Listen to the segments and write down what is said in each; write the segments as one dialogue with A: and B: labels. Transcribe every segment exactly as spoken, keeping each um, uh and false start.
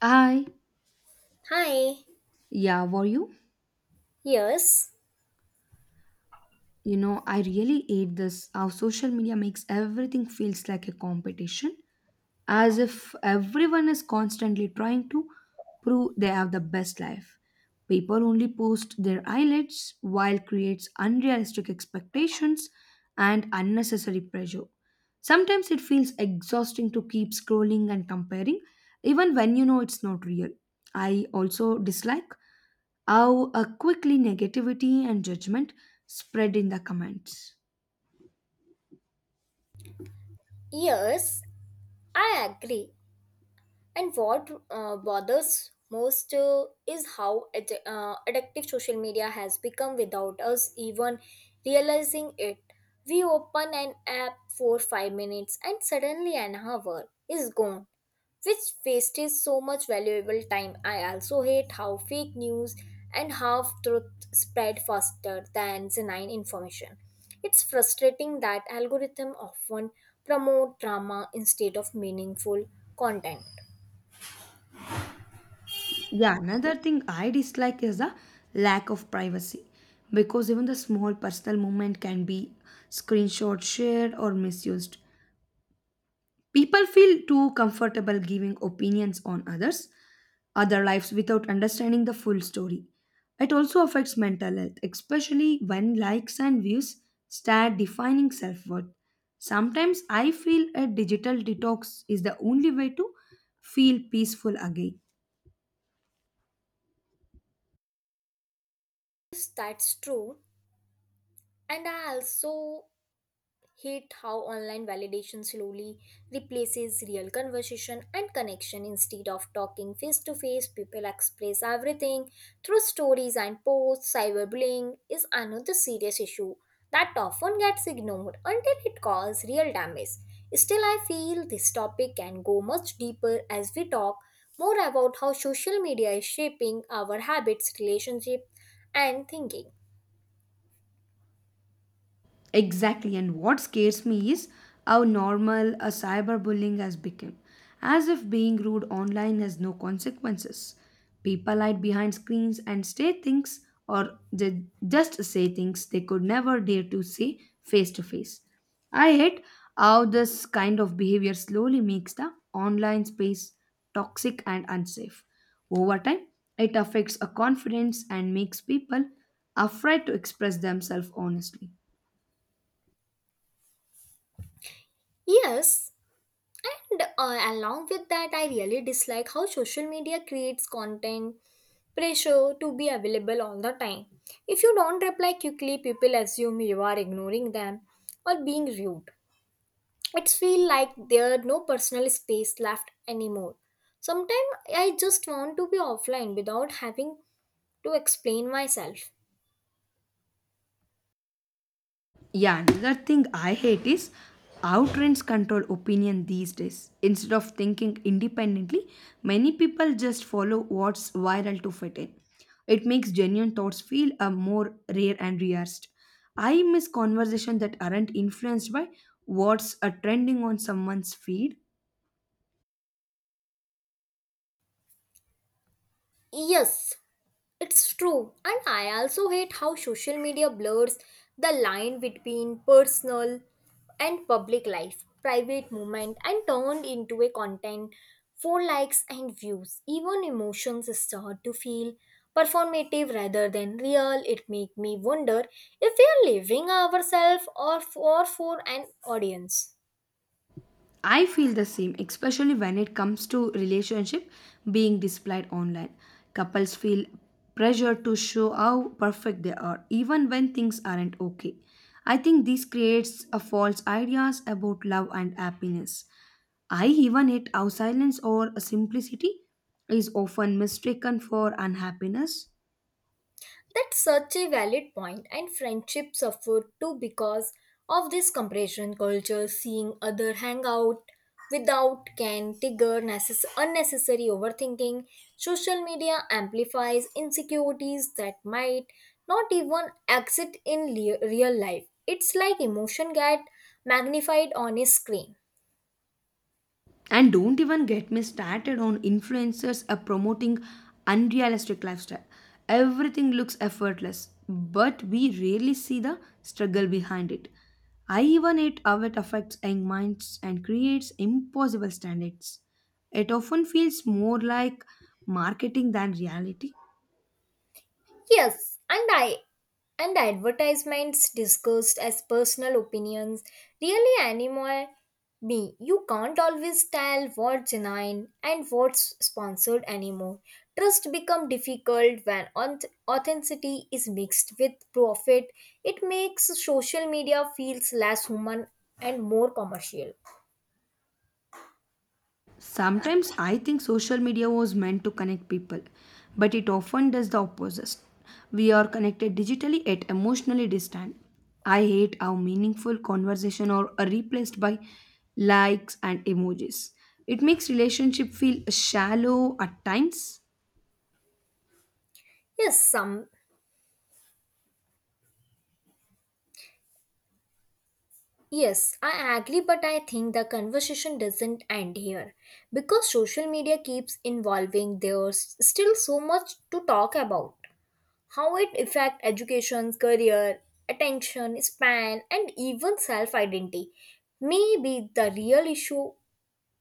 A: Hi.
B: Hi.
A: Yeah, were you?
B: Yes.
A: You know, I really hate this how social media makes everything feels like a competition, as if everyone is constantly trying to prove they have the best life. People only post their highlights, while creates unrealistic expectations and unnecessary pressure. Sometimes it feels exhausting to keep scrolling and comparing, even when you know it's not real. I also dislike how uh, quickly negativity and judgment spread in the comments.
B: Yes, I agree. And what uh, bothers most uh, is how ad- uh, addictive social media has become without us even realizing it. We open an app for five minutes and suddenly an hour is gone, which wastes so much valuable time. I also hate how fake news and half truth spread faster than genuine information. It's frustrating that algorithm often promote drama instead of meaningful content.
A: Yeah, another thing I dislike is the lack of privacy because even the small personal moment can be screenshot shared or misused. People feel too comfortable giving opinions on others, other lives without understanding the full story. It also affects mental health, especially when likes and views start defining self worth. Sometimes I feel a digital detox is the only way to feel peaceful again.
B: Yes, that's true. And I also hate how online validation slowly replaces real conversation and connection. Instead of talking face to face, people express everything through stories and posts. Cyberbullying is another serious issue that often gets ignored until it causes real damage. Still, I feel this topic can go much deeper as we talk more about how social media is shaping our habits, relationship, and thinking.
A: Exactly, and what scares me is how normal a cyberbullying has become, as if being rude online has no consequences. People hide behind screens and say things, or they just say things they could never dare to say face to face. I hate how this kind of behavior slowly makes the online space toxic and unsafe. Over time, it affects a confidence and makes people afraid to express themselves honestly.
B: Yes, and uh, along with that, I really dislike how social media creates content pressure to be available all the time. If you don't reply quickly, people assume you are ignoring them or being rude. It feels like there's no personal space left anymore. Sometimes I just want to be offline without having to explain myself.
A: Yeah, another thing I hate is how trends control opinion these days. Instead of thinking independently, many people just follow what's viral to fit in. It makes genuine thoughts feel a more rare and rehearsed. I miss conversations that aren't influenced by what's a trending on someone's feed.
B: Yes, it's true, and I also hate how social media blurs the line between personal and public life, private moment, and turned into a content for likes and views. Even emotions start to feel performative rather than real. It make me wonder if we are living ourselves or for, for an audience.
A: I feel the same, especially when it comes to relationship being displayed online. Couples feel pressure to show how perfect they are, even when things aren't okay. I think this creates a false ideas about love and happiness. I even hate how silence or simplicity is often mistaken for unhappiness.
B: That's such a valid point, and friendships suffer too because of this comparison culture. Seeing other hang out without can trigger necess- unnecessary overthinking. Social media amplifies insecurities that might not even exist in le- real life. It's like emotion get magnified on a screen.
A: And don't even get me started on influencers are promoting unrealistic lifestyle. Everything looks effortless, but we rarely see the struggle behind it. I even hate how it affects young minds and creates impossible standards. It often feels more like marketing than reality.
B: Yes, and I and the advertisements discussed as personal opinions really annoy me. You can't always tell what's genuine and what's sponsored anymore. Trust becomes difficult when auth- authenticity is mixed with profit. It makes social media feels less human and more commercial.
A: Sometimes I think social media was meant to connect people, but it often does the opposite. We are connected digitally yet emotionally distant. I hate how meaningful conversation are are replaced by likes and emojis. It makes relationship feel shallow at times.
B: Yes, some Yes, I agree, but I think the conversation doesn't end here because social media keeps evolving. There's still so much to talk about how it affects education, career, attention span, and even self identity. Maybe the real issue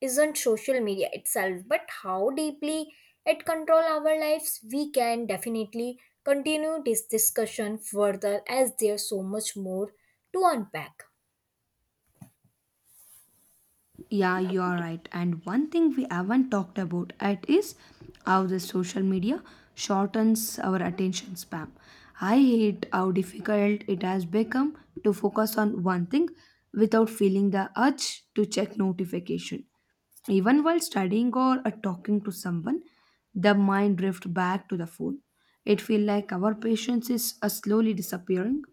B: isn't social media itself, but how deeply it controls our lives. We can definitely continue this discussion further as there's so much more to unpack.
A: Yeah, you are right. And one thing we haven't talked about it is how the social media shortens our attention span. I hate how difficult it has become to focus on one thing without feeling the urge to check notification. Even while studying or uh, talking to someone, the mind drifts back to the phone. It feels like our patience is uh, slowly disappearing.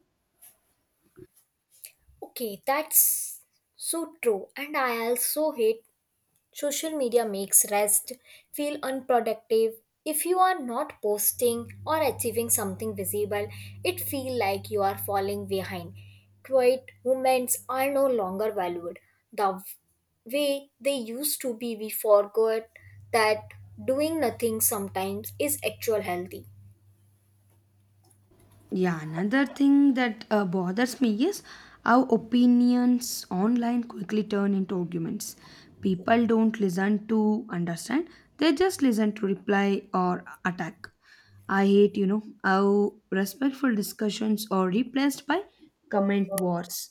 B: Okay, that's so true. And I also hate social media makes rest feel unproductive. If you are not posting or achieving something visible, it feel like you are falling behind. Quiet moments are no longer valued. The way they used to be, we forgot that doing nothing sometimes is actual healthy.
A: Yeah, another thing that uh, bothers me is how opinions online quickly turn into arguments. People don't listen to understand, they just listen to reply or attack. I hate, you know, how respectful discussions are replaced by comment wars.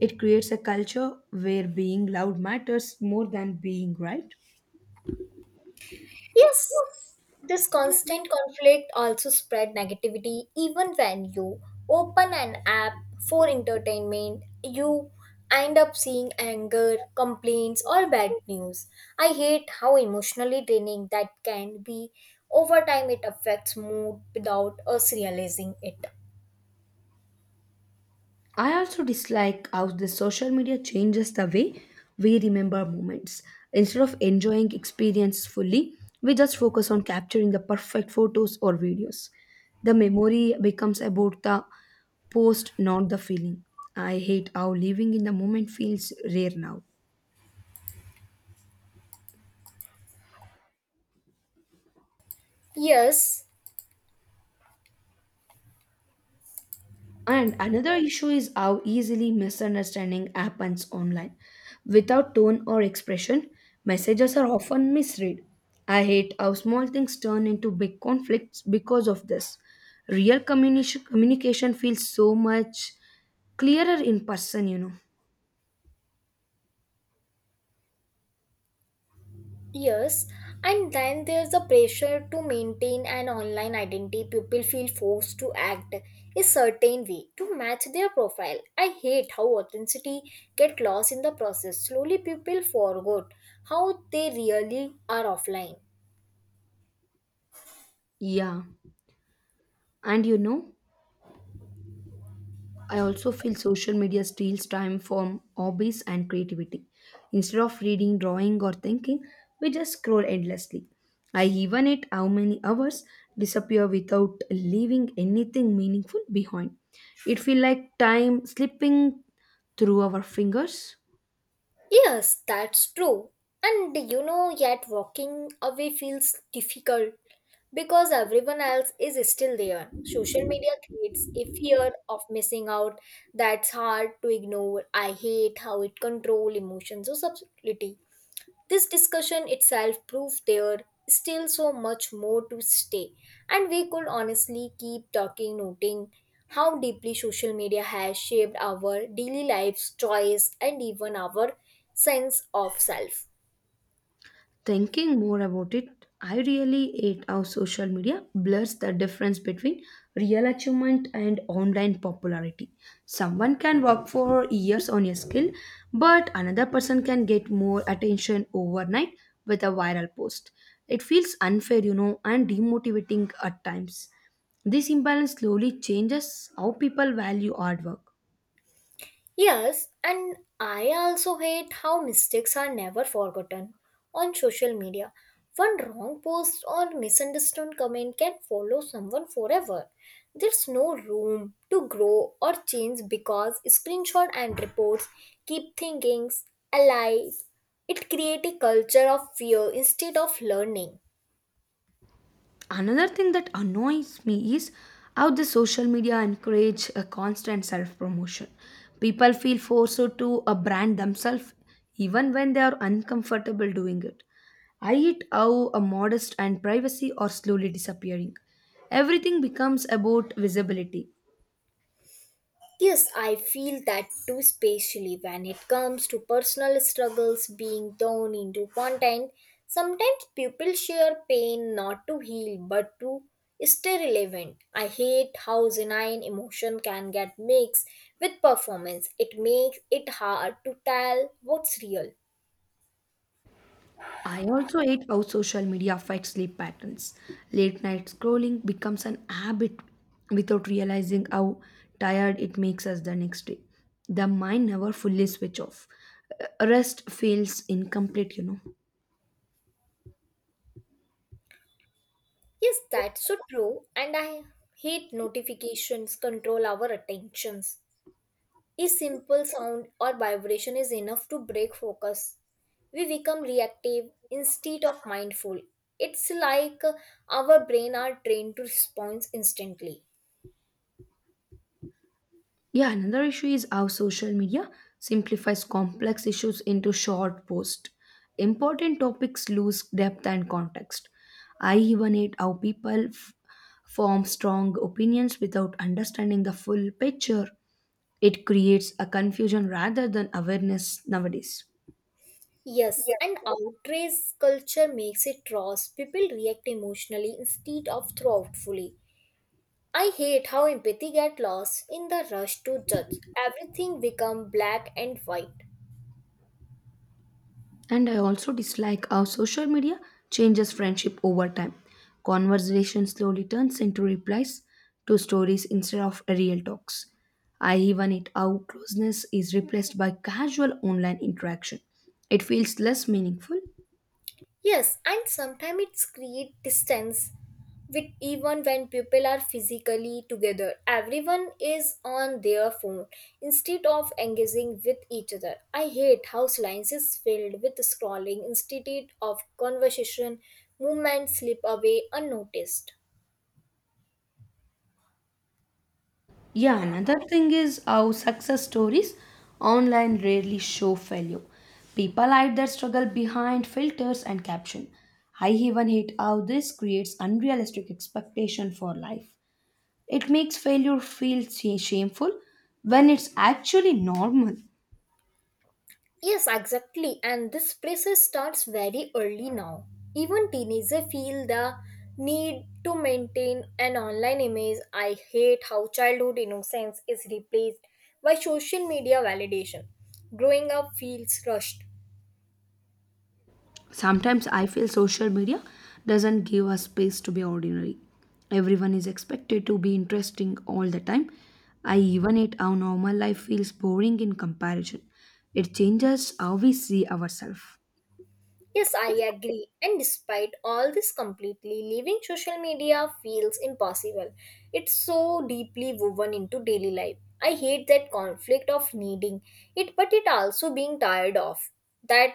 A: It creates a culture where being loud matters more than being right.
B: Yes, this constant conflict also spread negativity. Even when you open an app for entertainment, you end up seeing anger complaints or bad news. I hate how emotionally draining that can be. Over time it affects mood without us realizing it.
A: I also dislike how the social media changes the way we remember moments. Instead of enjoying experience fully, we just focus on capturing the perfect photos or videos. The memory becomes about the post, not the feeling. I hate how living in the moment feels rare now.
B: Yes.
A: And another issue is how easily misunderstanding happens online. Without tone or expression, messages are often misread. I hate how small things turn into big conflicts because of this. Real communi- communication feels so much clearer in person, you know.
B: Yes, and then there's the pressure to maintain an online identity. People feel forced to act a certain way to match their profile. I hate how authenticity get lost in the process. Slowly people forgot how they really are offline.
A: Yeah. And you know, I also feel social media steals time from hobbies and creativity. Instead of reading, drawing, or thinking, we just scroll endlessly. I even at how many hours disappear without leaving anything meaningful behind. It feels like time slipping through our fingers.
B: Yes, that's true. And you know, yet walking away feels difficult because everyone else is still there. Social media creates a fear of missing out that's hard to ignore. I hate how it controls emotions or subtlety. This discussion itself proved there still so much more to stay, and we could honestly keep talking, noting how deeply social media has shaped our daily lives, choice, and even our sense of self.
A: Thinking more about it, I really hate how social media blurs the difference between real achievement and online popularity. Someone can work for years on a skill, but another person can get more attention overnight with a viral post. It feels unfair, you know, and demotivating at times. This imbalance slowly changes how people value hard work.
B: Yes, and I also hate how mistakes are never forgotten on social media. One wrong post or misunderstood comment can follow someone forever. There's no room to grow or change because screenshot and reports keep thinkings alive. It creates a culture of fear instead of learning.
A: Another thing that annoys me is how the social media encourage a constant self promotion. People feel forced to uh, brand themselves even when they are uncomfortable doing it. I hate how a modest and privacy are slowly disappearing. Everything becomes about visibility.
B: Yes, I feel that too, especially when it comes to personal struggles being thrown into content. Sometimes people share pain not to heal but to stay relevant. I hate how genuine emotion can get mixed with performance. It makes it hard to tell what's real.
A: I also hate how social media affects sleep patterns. Late night scrolling becomes an habit without realizing how tired it makes us the next day. The mind never fully switch off. Uh, Rest feels incomplete, you know.
B: Yes, that's so true, and I hate notifications control our attentions. A simple sound or vibration is enough to break focus. We become reactive instead of mindful. It's like our brain are trained to respond instantly.
A: Yeah, another issue is how social media simplifies complex issues into short posts. Important topics lose depth and context. I even hate how people f- form strong opinions without understanding the full picture. It creates a confusion rather than awareness nowadays.
B: Yes, and outrage culture makes it rash. People react emotionally instead of thoughtfully. I hate how empathy get lost in the rush to judge. Everything become black and white.
A: And I also dislike how social media changes friendship over time. Conversation slowly turns into replies to stories instead of real talks. I even hate how closeness is replaced by casual online interaction. It feels less meaningful.
B: Yes, and sometimes it's create distance with even when people are physically together. Everyone is on their phone instead of engaging with each other. I hate how lines is filled with scrolling instead of conversation. Movements slip away unnoticed.
A: Yeah, another thing is how success stories online rarely show failure. People hide their struggle behind filters and caption. I even hate how this creates unrealistic expectation for life. It makes failure feel sh- shameful when it's actually normal.
B: Yes, exactly. And this pressure starts very early now. Even teenagers feel the need to maintain an online image. I hate how childhood innocence is replaced by social media validation. Growing up feels rushed.
A: Sometimes I feel social media doesn't give us space to be ordinary. Everyone is expected to be interesting all the time. I even hate how normal life feels boring in comparison. It changes how we see ourselves.
B: Yes, I agree. And despite all this completely, leaving social media feels impossible. It's so deeply woven into daily life. I hate that conflict of needing it, but it also being tired of. That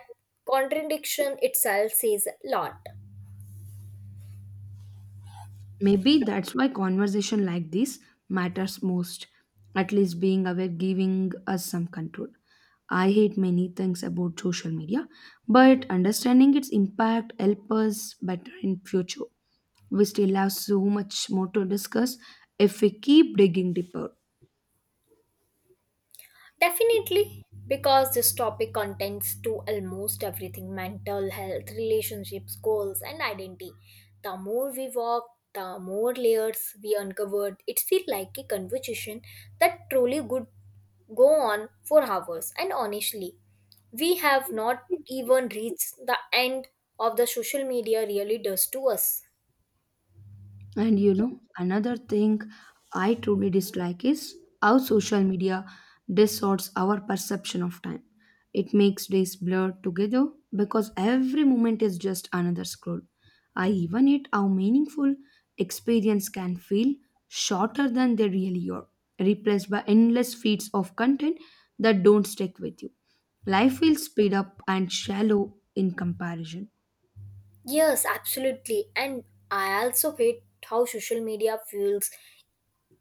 B: contradiction itself says a lot.
A: Maybe that's why conversation like this matters most. At least being aware, giving us some control. I hate many things about social media, but understanding its impact help us better in future. We still have so much more to discuss if we keep digging deeper.
B: Definitely, because this topic contends to almost everything mental health, relationships, goals, and identity. The more we walk, the more layers we uncovered. It feels like a conversation that truly could go on for hours. And honestly, we have not even reached the end of the social media really does to us.
A: And you know, another thing I truly dislike is how social media distorts our perception of time. It makes days blur together because every moment is just another scroll. I even hate how meaningful experience can feel shorter than they really are, replaced by endless feeds of content that don't stick with you. Life will speed up and shallow in comparison.
B: Yes, absolutely. And I also hate how social media fuels.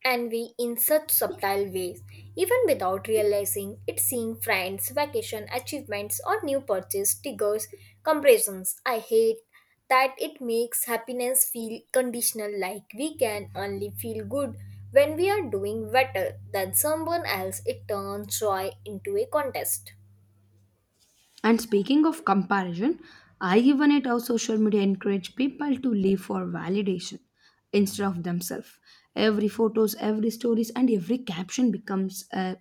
B: And we, in such subtle ways, even without realizing it. Seeing friends, vacation, achievements, or new purchase triggers comparisons. I hate that it makes happiness feel conditional, like we can only feel good when we are doing better than someone else. It turns joy into a contest.
A: And speaking of comparison, I even hate how social media encourage people to live for validation instead of themselves. Every photos, every stories, and every caption becomes a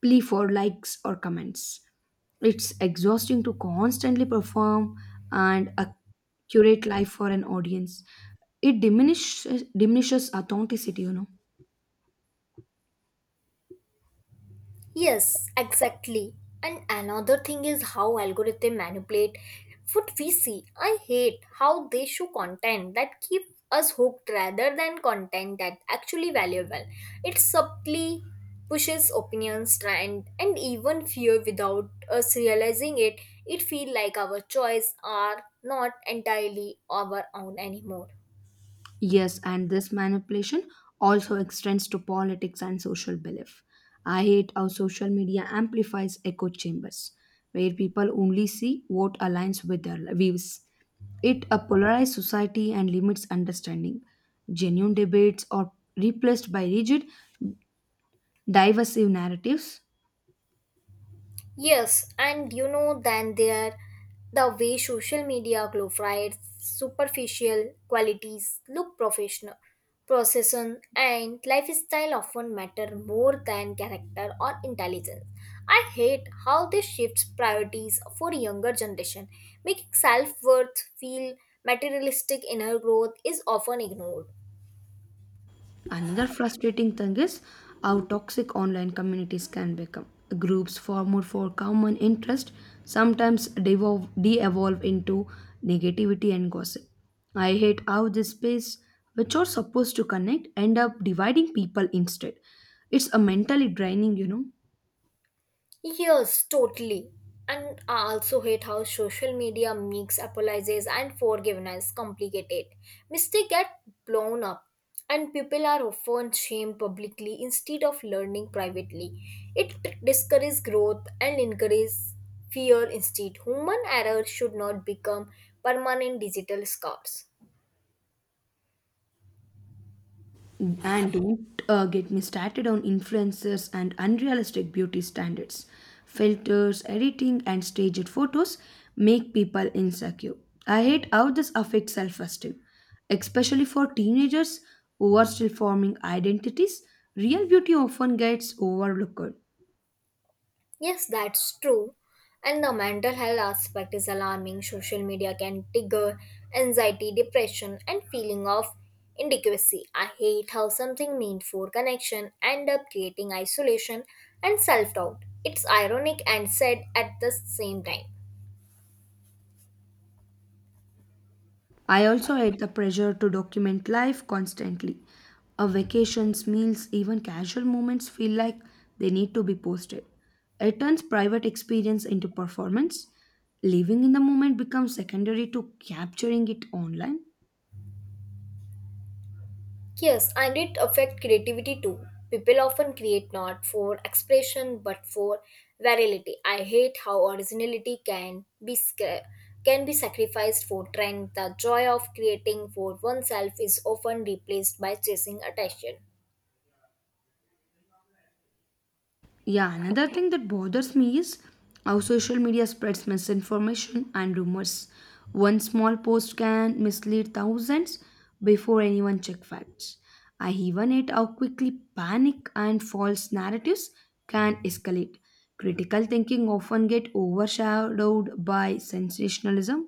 A: plea for likes or comments. It's exhausting to constantly perform and uh, curate life for an audience. It diminishes diminishes authenticity, you know.
B: Yes, exactly. And another thing is how algorithm manipulate what we see. I hate how they show content that keep us hooked rather than content that actually valuable. It subtly pushes opinions, trend, and even fear without us realizing it. It feel like our choice are not entirely our own anymore.
A: Yes, and this manipulation also extends to politics and social belief. I hate how social media amplifies echo chambers, where people only see what aligns with their views. It a polarized society and limits understanding. Genuine debates are replaced by rigid, divisive narratives.
B: Yes, and you know, then there the way social media glorifies superficial qualities look professional. Procession and lifestyle often matter more than character or intelligence. I hate how this shifts priorities for younger generation. Making self-worth feel materialistic inner growth is often ignored.
A: Another frustrating thing is how toxic online communities can become. Groups formed for common interest sometimes devolve, de-evolve into negativity and gossip. I hate how this space, which are supposed to connect, end up dividing people instead. It's a mentally draining, you know.
B: Yes, totally. And I also hate how social media makes apologies and forgiveness complicated. Mistakes get blown up, and people are often shamed publicly instead of learning privately. It discourages growth and encourages fear instead. Human error should not become permanent digital scars.
A: And don't uh, get me started on influencers and unrealistic beauty standards. Filters, editing, and staged photos make people insecure. I hate how this affects self esteem, especially for teenagers who are still forming identities. Real beauty often gets overlooked.
B: Yes, that's true. And the mental health aspect is alarming. Social media can trigger anxiety, depression, and feeling of inadequacy. I hate how something meant for connection end up creating isolation and self-doubt. It's ironic and sad at the same time.
A: I also hate the pressure to document life constantly. A vacations, meals, even casual moments feel like they need to be posted. It turns private experience into performance. Living in the moment becomes secondary to capturing it online.
B: Yes, and it affects creativity too. People often create not for expression but for virality. I hate how originality can be sca- can be sacrificed for trend. The joy of creating for oneself is often replaced by chasing attention.
A: Yeah, another thing that bothers me is how social media spreads misinformation and rumors. One small post can mislead thousands before anyone check facts. I even hate how quickly panic and false narratives can escalate. Critical thinking often get overshadowed by sensationalism.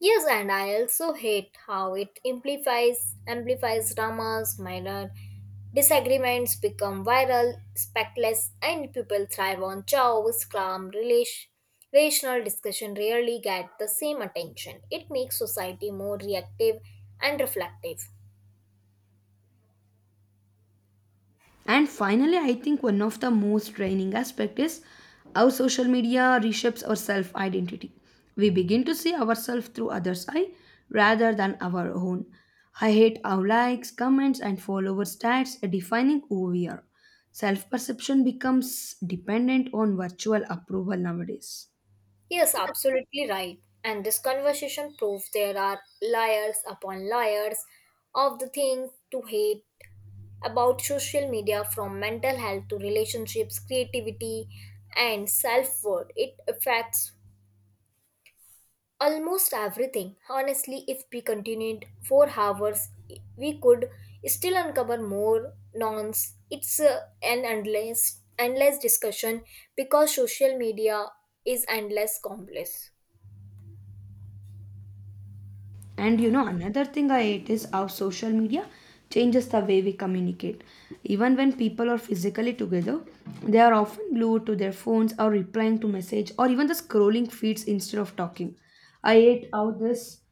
B: Yes, and I also hate how it amplifies amplifies dramas, minor disagreements become viral, spectacles, and people thrive on chaos, calm, relation, rational discussion rarely get the same attention. It makes society more reactive and reflective.
A: And finally, I think one of the most draining aspect is how social media reshapes our self identity. We begin to see ourselves through others' eye rather than our own. I hate how likes, comments, and follower stats are defining who we are. Self perception becomes dependent on virtual approval nowadays.
B: Yes, absolutely right. And this conversation proves there are layers upon layers of the thing to hate about social media from mental health to relationships, creativity, and self worth. It affects almost everything. Honestly, if we continued for hours, we could still uncover more nonce. It's uh, an endless, endless discussion because social media is endless complex.
A: And you know, another thing I hate is how social media changes the way we communicate. Even when people are physically together, they are often glued to their phones or replying to message or even the scrolling feeds instead of talking. I hate how this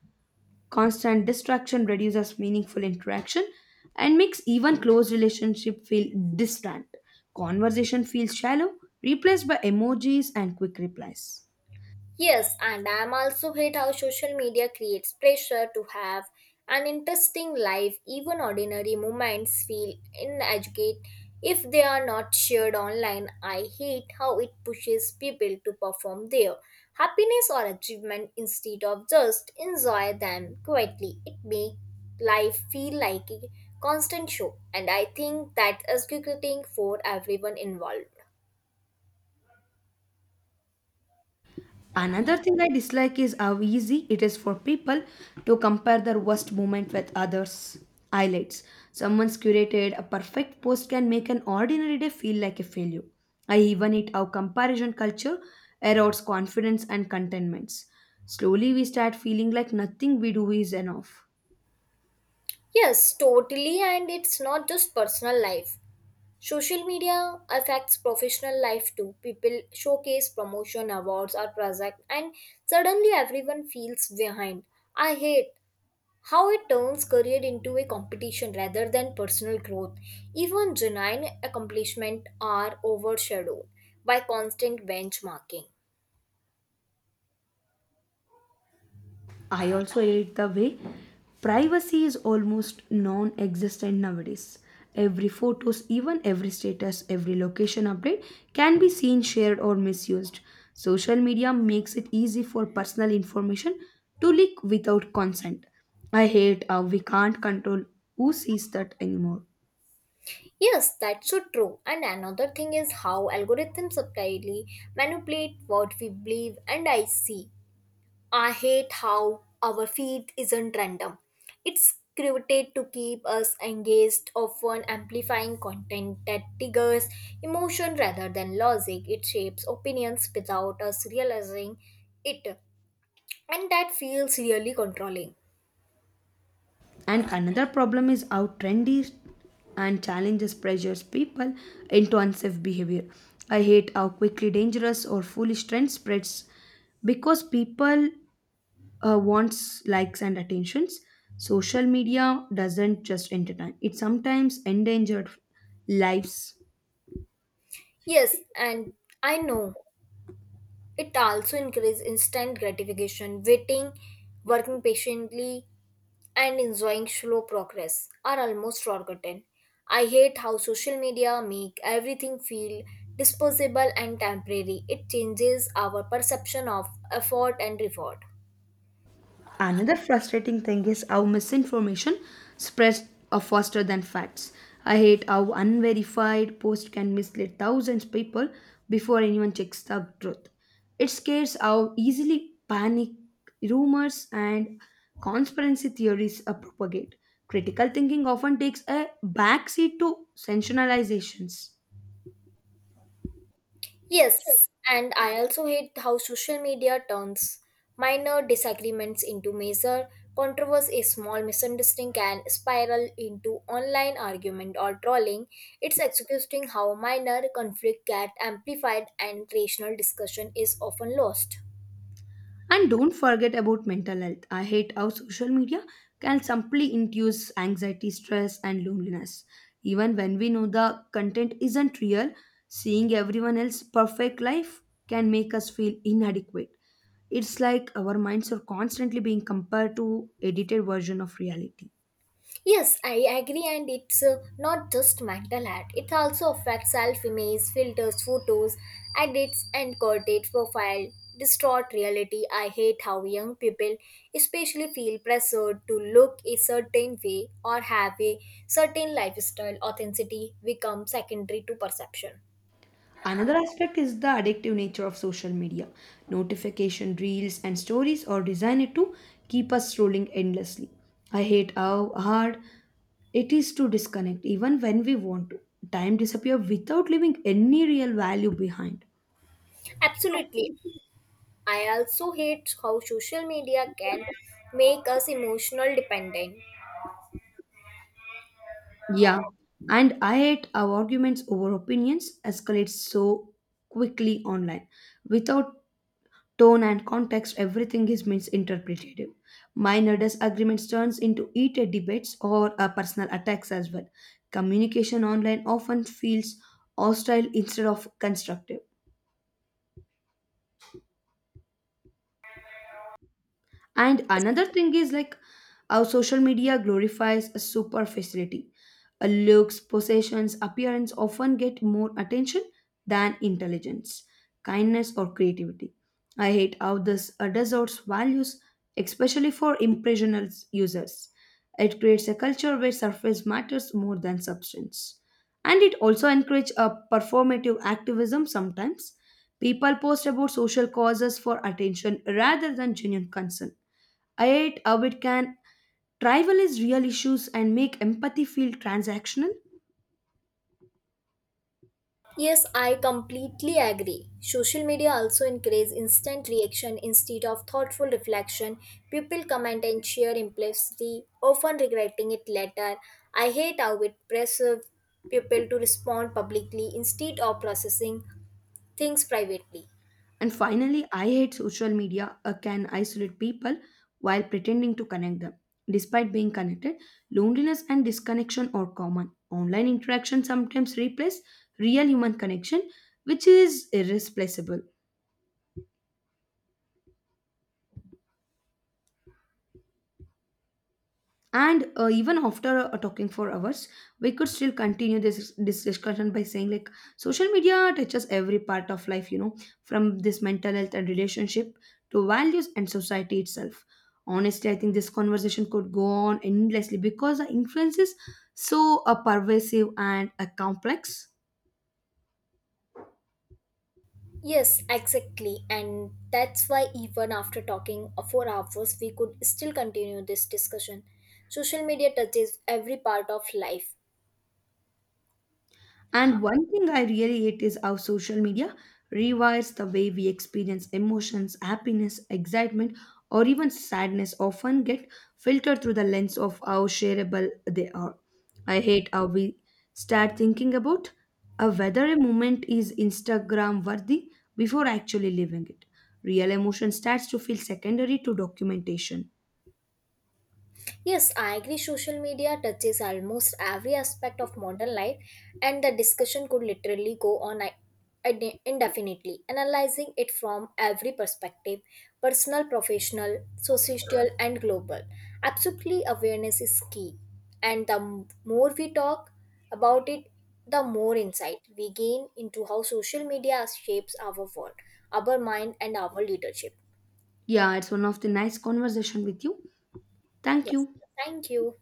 A: constant distraction reduces meaningful interaction and makes even close relationship feel distant. Conversation feels shallow, replaced by emojis and quick replies.
B: Yes, and I'm also hate how social media creates pressure to have an interesting life. Even ordinary moments feel inadequate if they are not shared online. I hate how it pushes people to perform their happiness or achievement instead of just enjoy them quietly. It makes life feel like a constant show, and I think that is irritating for everyone involved.
A: Another thing I dislike is how easy it is for people to compare their worst moment with others' highlights. Someone's curated a perfect post can make an ordinary day feel like a failure. I even hate how comparison culture erodes confidence and contentments. Slowly, we start feeling like nothing we do is enough.
B: Yes, totally, and it's not just personal life. Social media affects professional life too. People showcase promotion, awards, or project, and suddenly everyone feels behind. I hate how it turns career into a competition rather than personal growth. Even genuine accomplishment are overshadowed by constant benchmarking.
A: I also hate the way privacy is almost non-existent nowadays. Every photos, even every status, every location update can be seen, shared or misused. Social media makes it easy for personal information to leak without consent. I hate how we can't control who sees that anymore.
B: Yes, that's so true. And another thing is how algorithms subtly manipulate what we believe and I see. I hate how our feed isn't random. It's curated to keep us engaged, often amplifying content that triggers emotion rather than logic. It shapes opinions without us realizing it, and that feels really controlling.
A: And another problem is how trendy and challenges pressures people into unsafe behavior. I hate how quickly dangerous or foolish trend spreads because people uh, wants likes and attentions. Social media doesn't just entertain; it sometimes endangered lives.
B: Yes, and I know it also encourages instant gratification, waiting, working patiently, and enjoying slow progress are almost forgotten. I hate how social media make everything feel disposable and temporary. It changes our perception of effort and reward.
A: Another frustrating thing is how misinformation spreads uh, faster than facts. I hate how unverified posts can mislead thousands of people before anyone checks the truth. It scares how easily panic, rumors, and conspiracy theories are propagate. Critical thinking often takes a backseat to sensationalizations.
B: Yes, and I also hate how social media turns minor disagreements into major controversy. A small misunderstanding can spiral into online argument or trolling. It's exhausting how minor conflict get amplified and rational discussion is often lost.
A: And don't forget about mental health. I hate how social media can simply induce anxiety, stress, and loneliness. Even when we know the content isn't real, seeing everyone else's perfect life can make us feel inadequate. It's like our minds are constantly being compared to edited version of reality.
B: Yes, I agree, and it's uh, not just mental health. It also affects self image, filters, photos, edits, and corporate profile. Distort reality. I hate how young people, especially, feel pressured to look a certain way or have a certain lifestyle. Authenticity becomes secondary to perception.
A: Another aspect is the addictive nature of social media. Notification reels and stories are designed to keep us scrolling endlessly. I hate how hard it is to disconnect even when we want to. Time disappears without leaving any real value behind.
B: Absolutely. I also hate how social media can make us emotional dependent.
A: Yeah, and I hate our arguments over opinions escalate so quickly online. Without tone and context, everything is misinterpreted. Minor disagreements turns into heated debates or uh, personal attacks as well. Communication online often feels hostile instead of constructive. And another thing is like how social media glorifies a superficiality. A looks, possessions, appearance often get more attention than intelligence, kindness, or creativity. I hate how this uh, distorts values, especially for impressional users. It creates a culture where surface matters more than substance. And it also encourages a performative activism sometimes. People post about social causes for attention rather than genuine concern. Yet, how it can trivialize real issues and make empathy feel transactional.
B: Yes, I completely agree. Social media also encourages instant reaction instead of thoughtful reflection. People comment and share impulsively, often regretting it later. I hate how it pressures people to respond publicly instead of processing things privately.
A: And finally, I hate social media uh, can isolate people while pretending to connect them. Despite being connected, loneliness and disconnection are common. Online interaction sometimes replace real human connection, which is irreplaceable. And uh, even after uh, talking for hours, we could still continue this, this discussion by saying like social media touches every part of life, you know from this mental health and relationship to values and society itself. Honestly, I think this conversation could go on endlessly because the influence is so uh, pervasive and uh, complex.
B: Yes, exactly. And that's why, even after talking for hours, we could still continue this discussion. Social media touches every part of life.
A: And one thing I really hate is how social media rewires the way we experience emotions, happiness, excitement, or even sadness often get filtered through the lens of how shareable they are. I hate how we start thinking about uh, whether a moment is Instagram worthy before actually living it. Real emotion starts to feel secondary to documentation.
B: Yes, I agree. Social media touches almost every aspect of modern life, and the discussion could literally go on i- inde- indefinitely, analyzing it from every perspective personal, professional, social, and global. Absolutely, awareness is key, and the m- more we talk about it, the more insight we gain into how social media shapes our world, our mind, and our leadership.
A: Yeah, it's one of the nice conversation with you. Thank
B: Yes,
A: you.
B: thank you.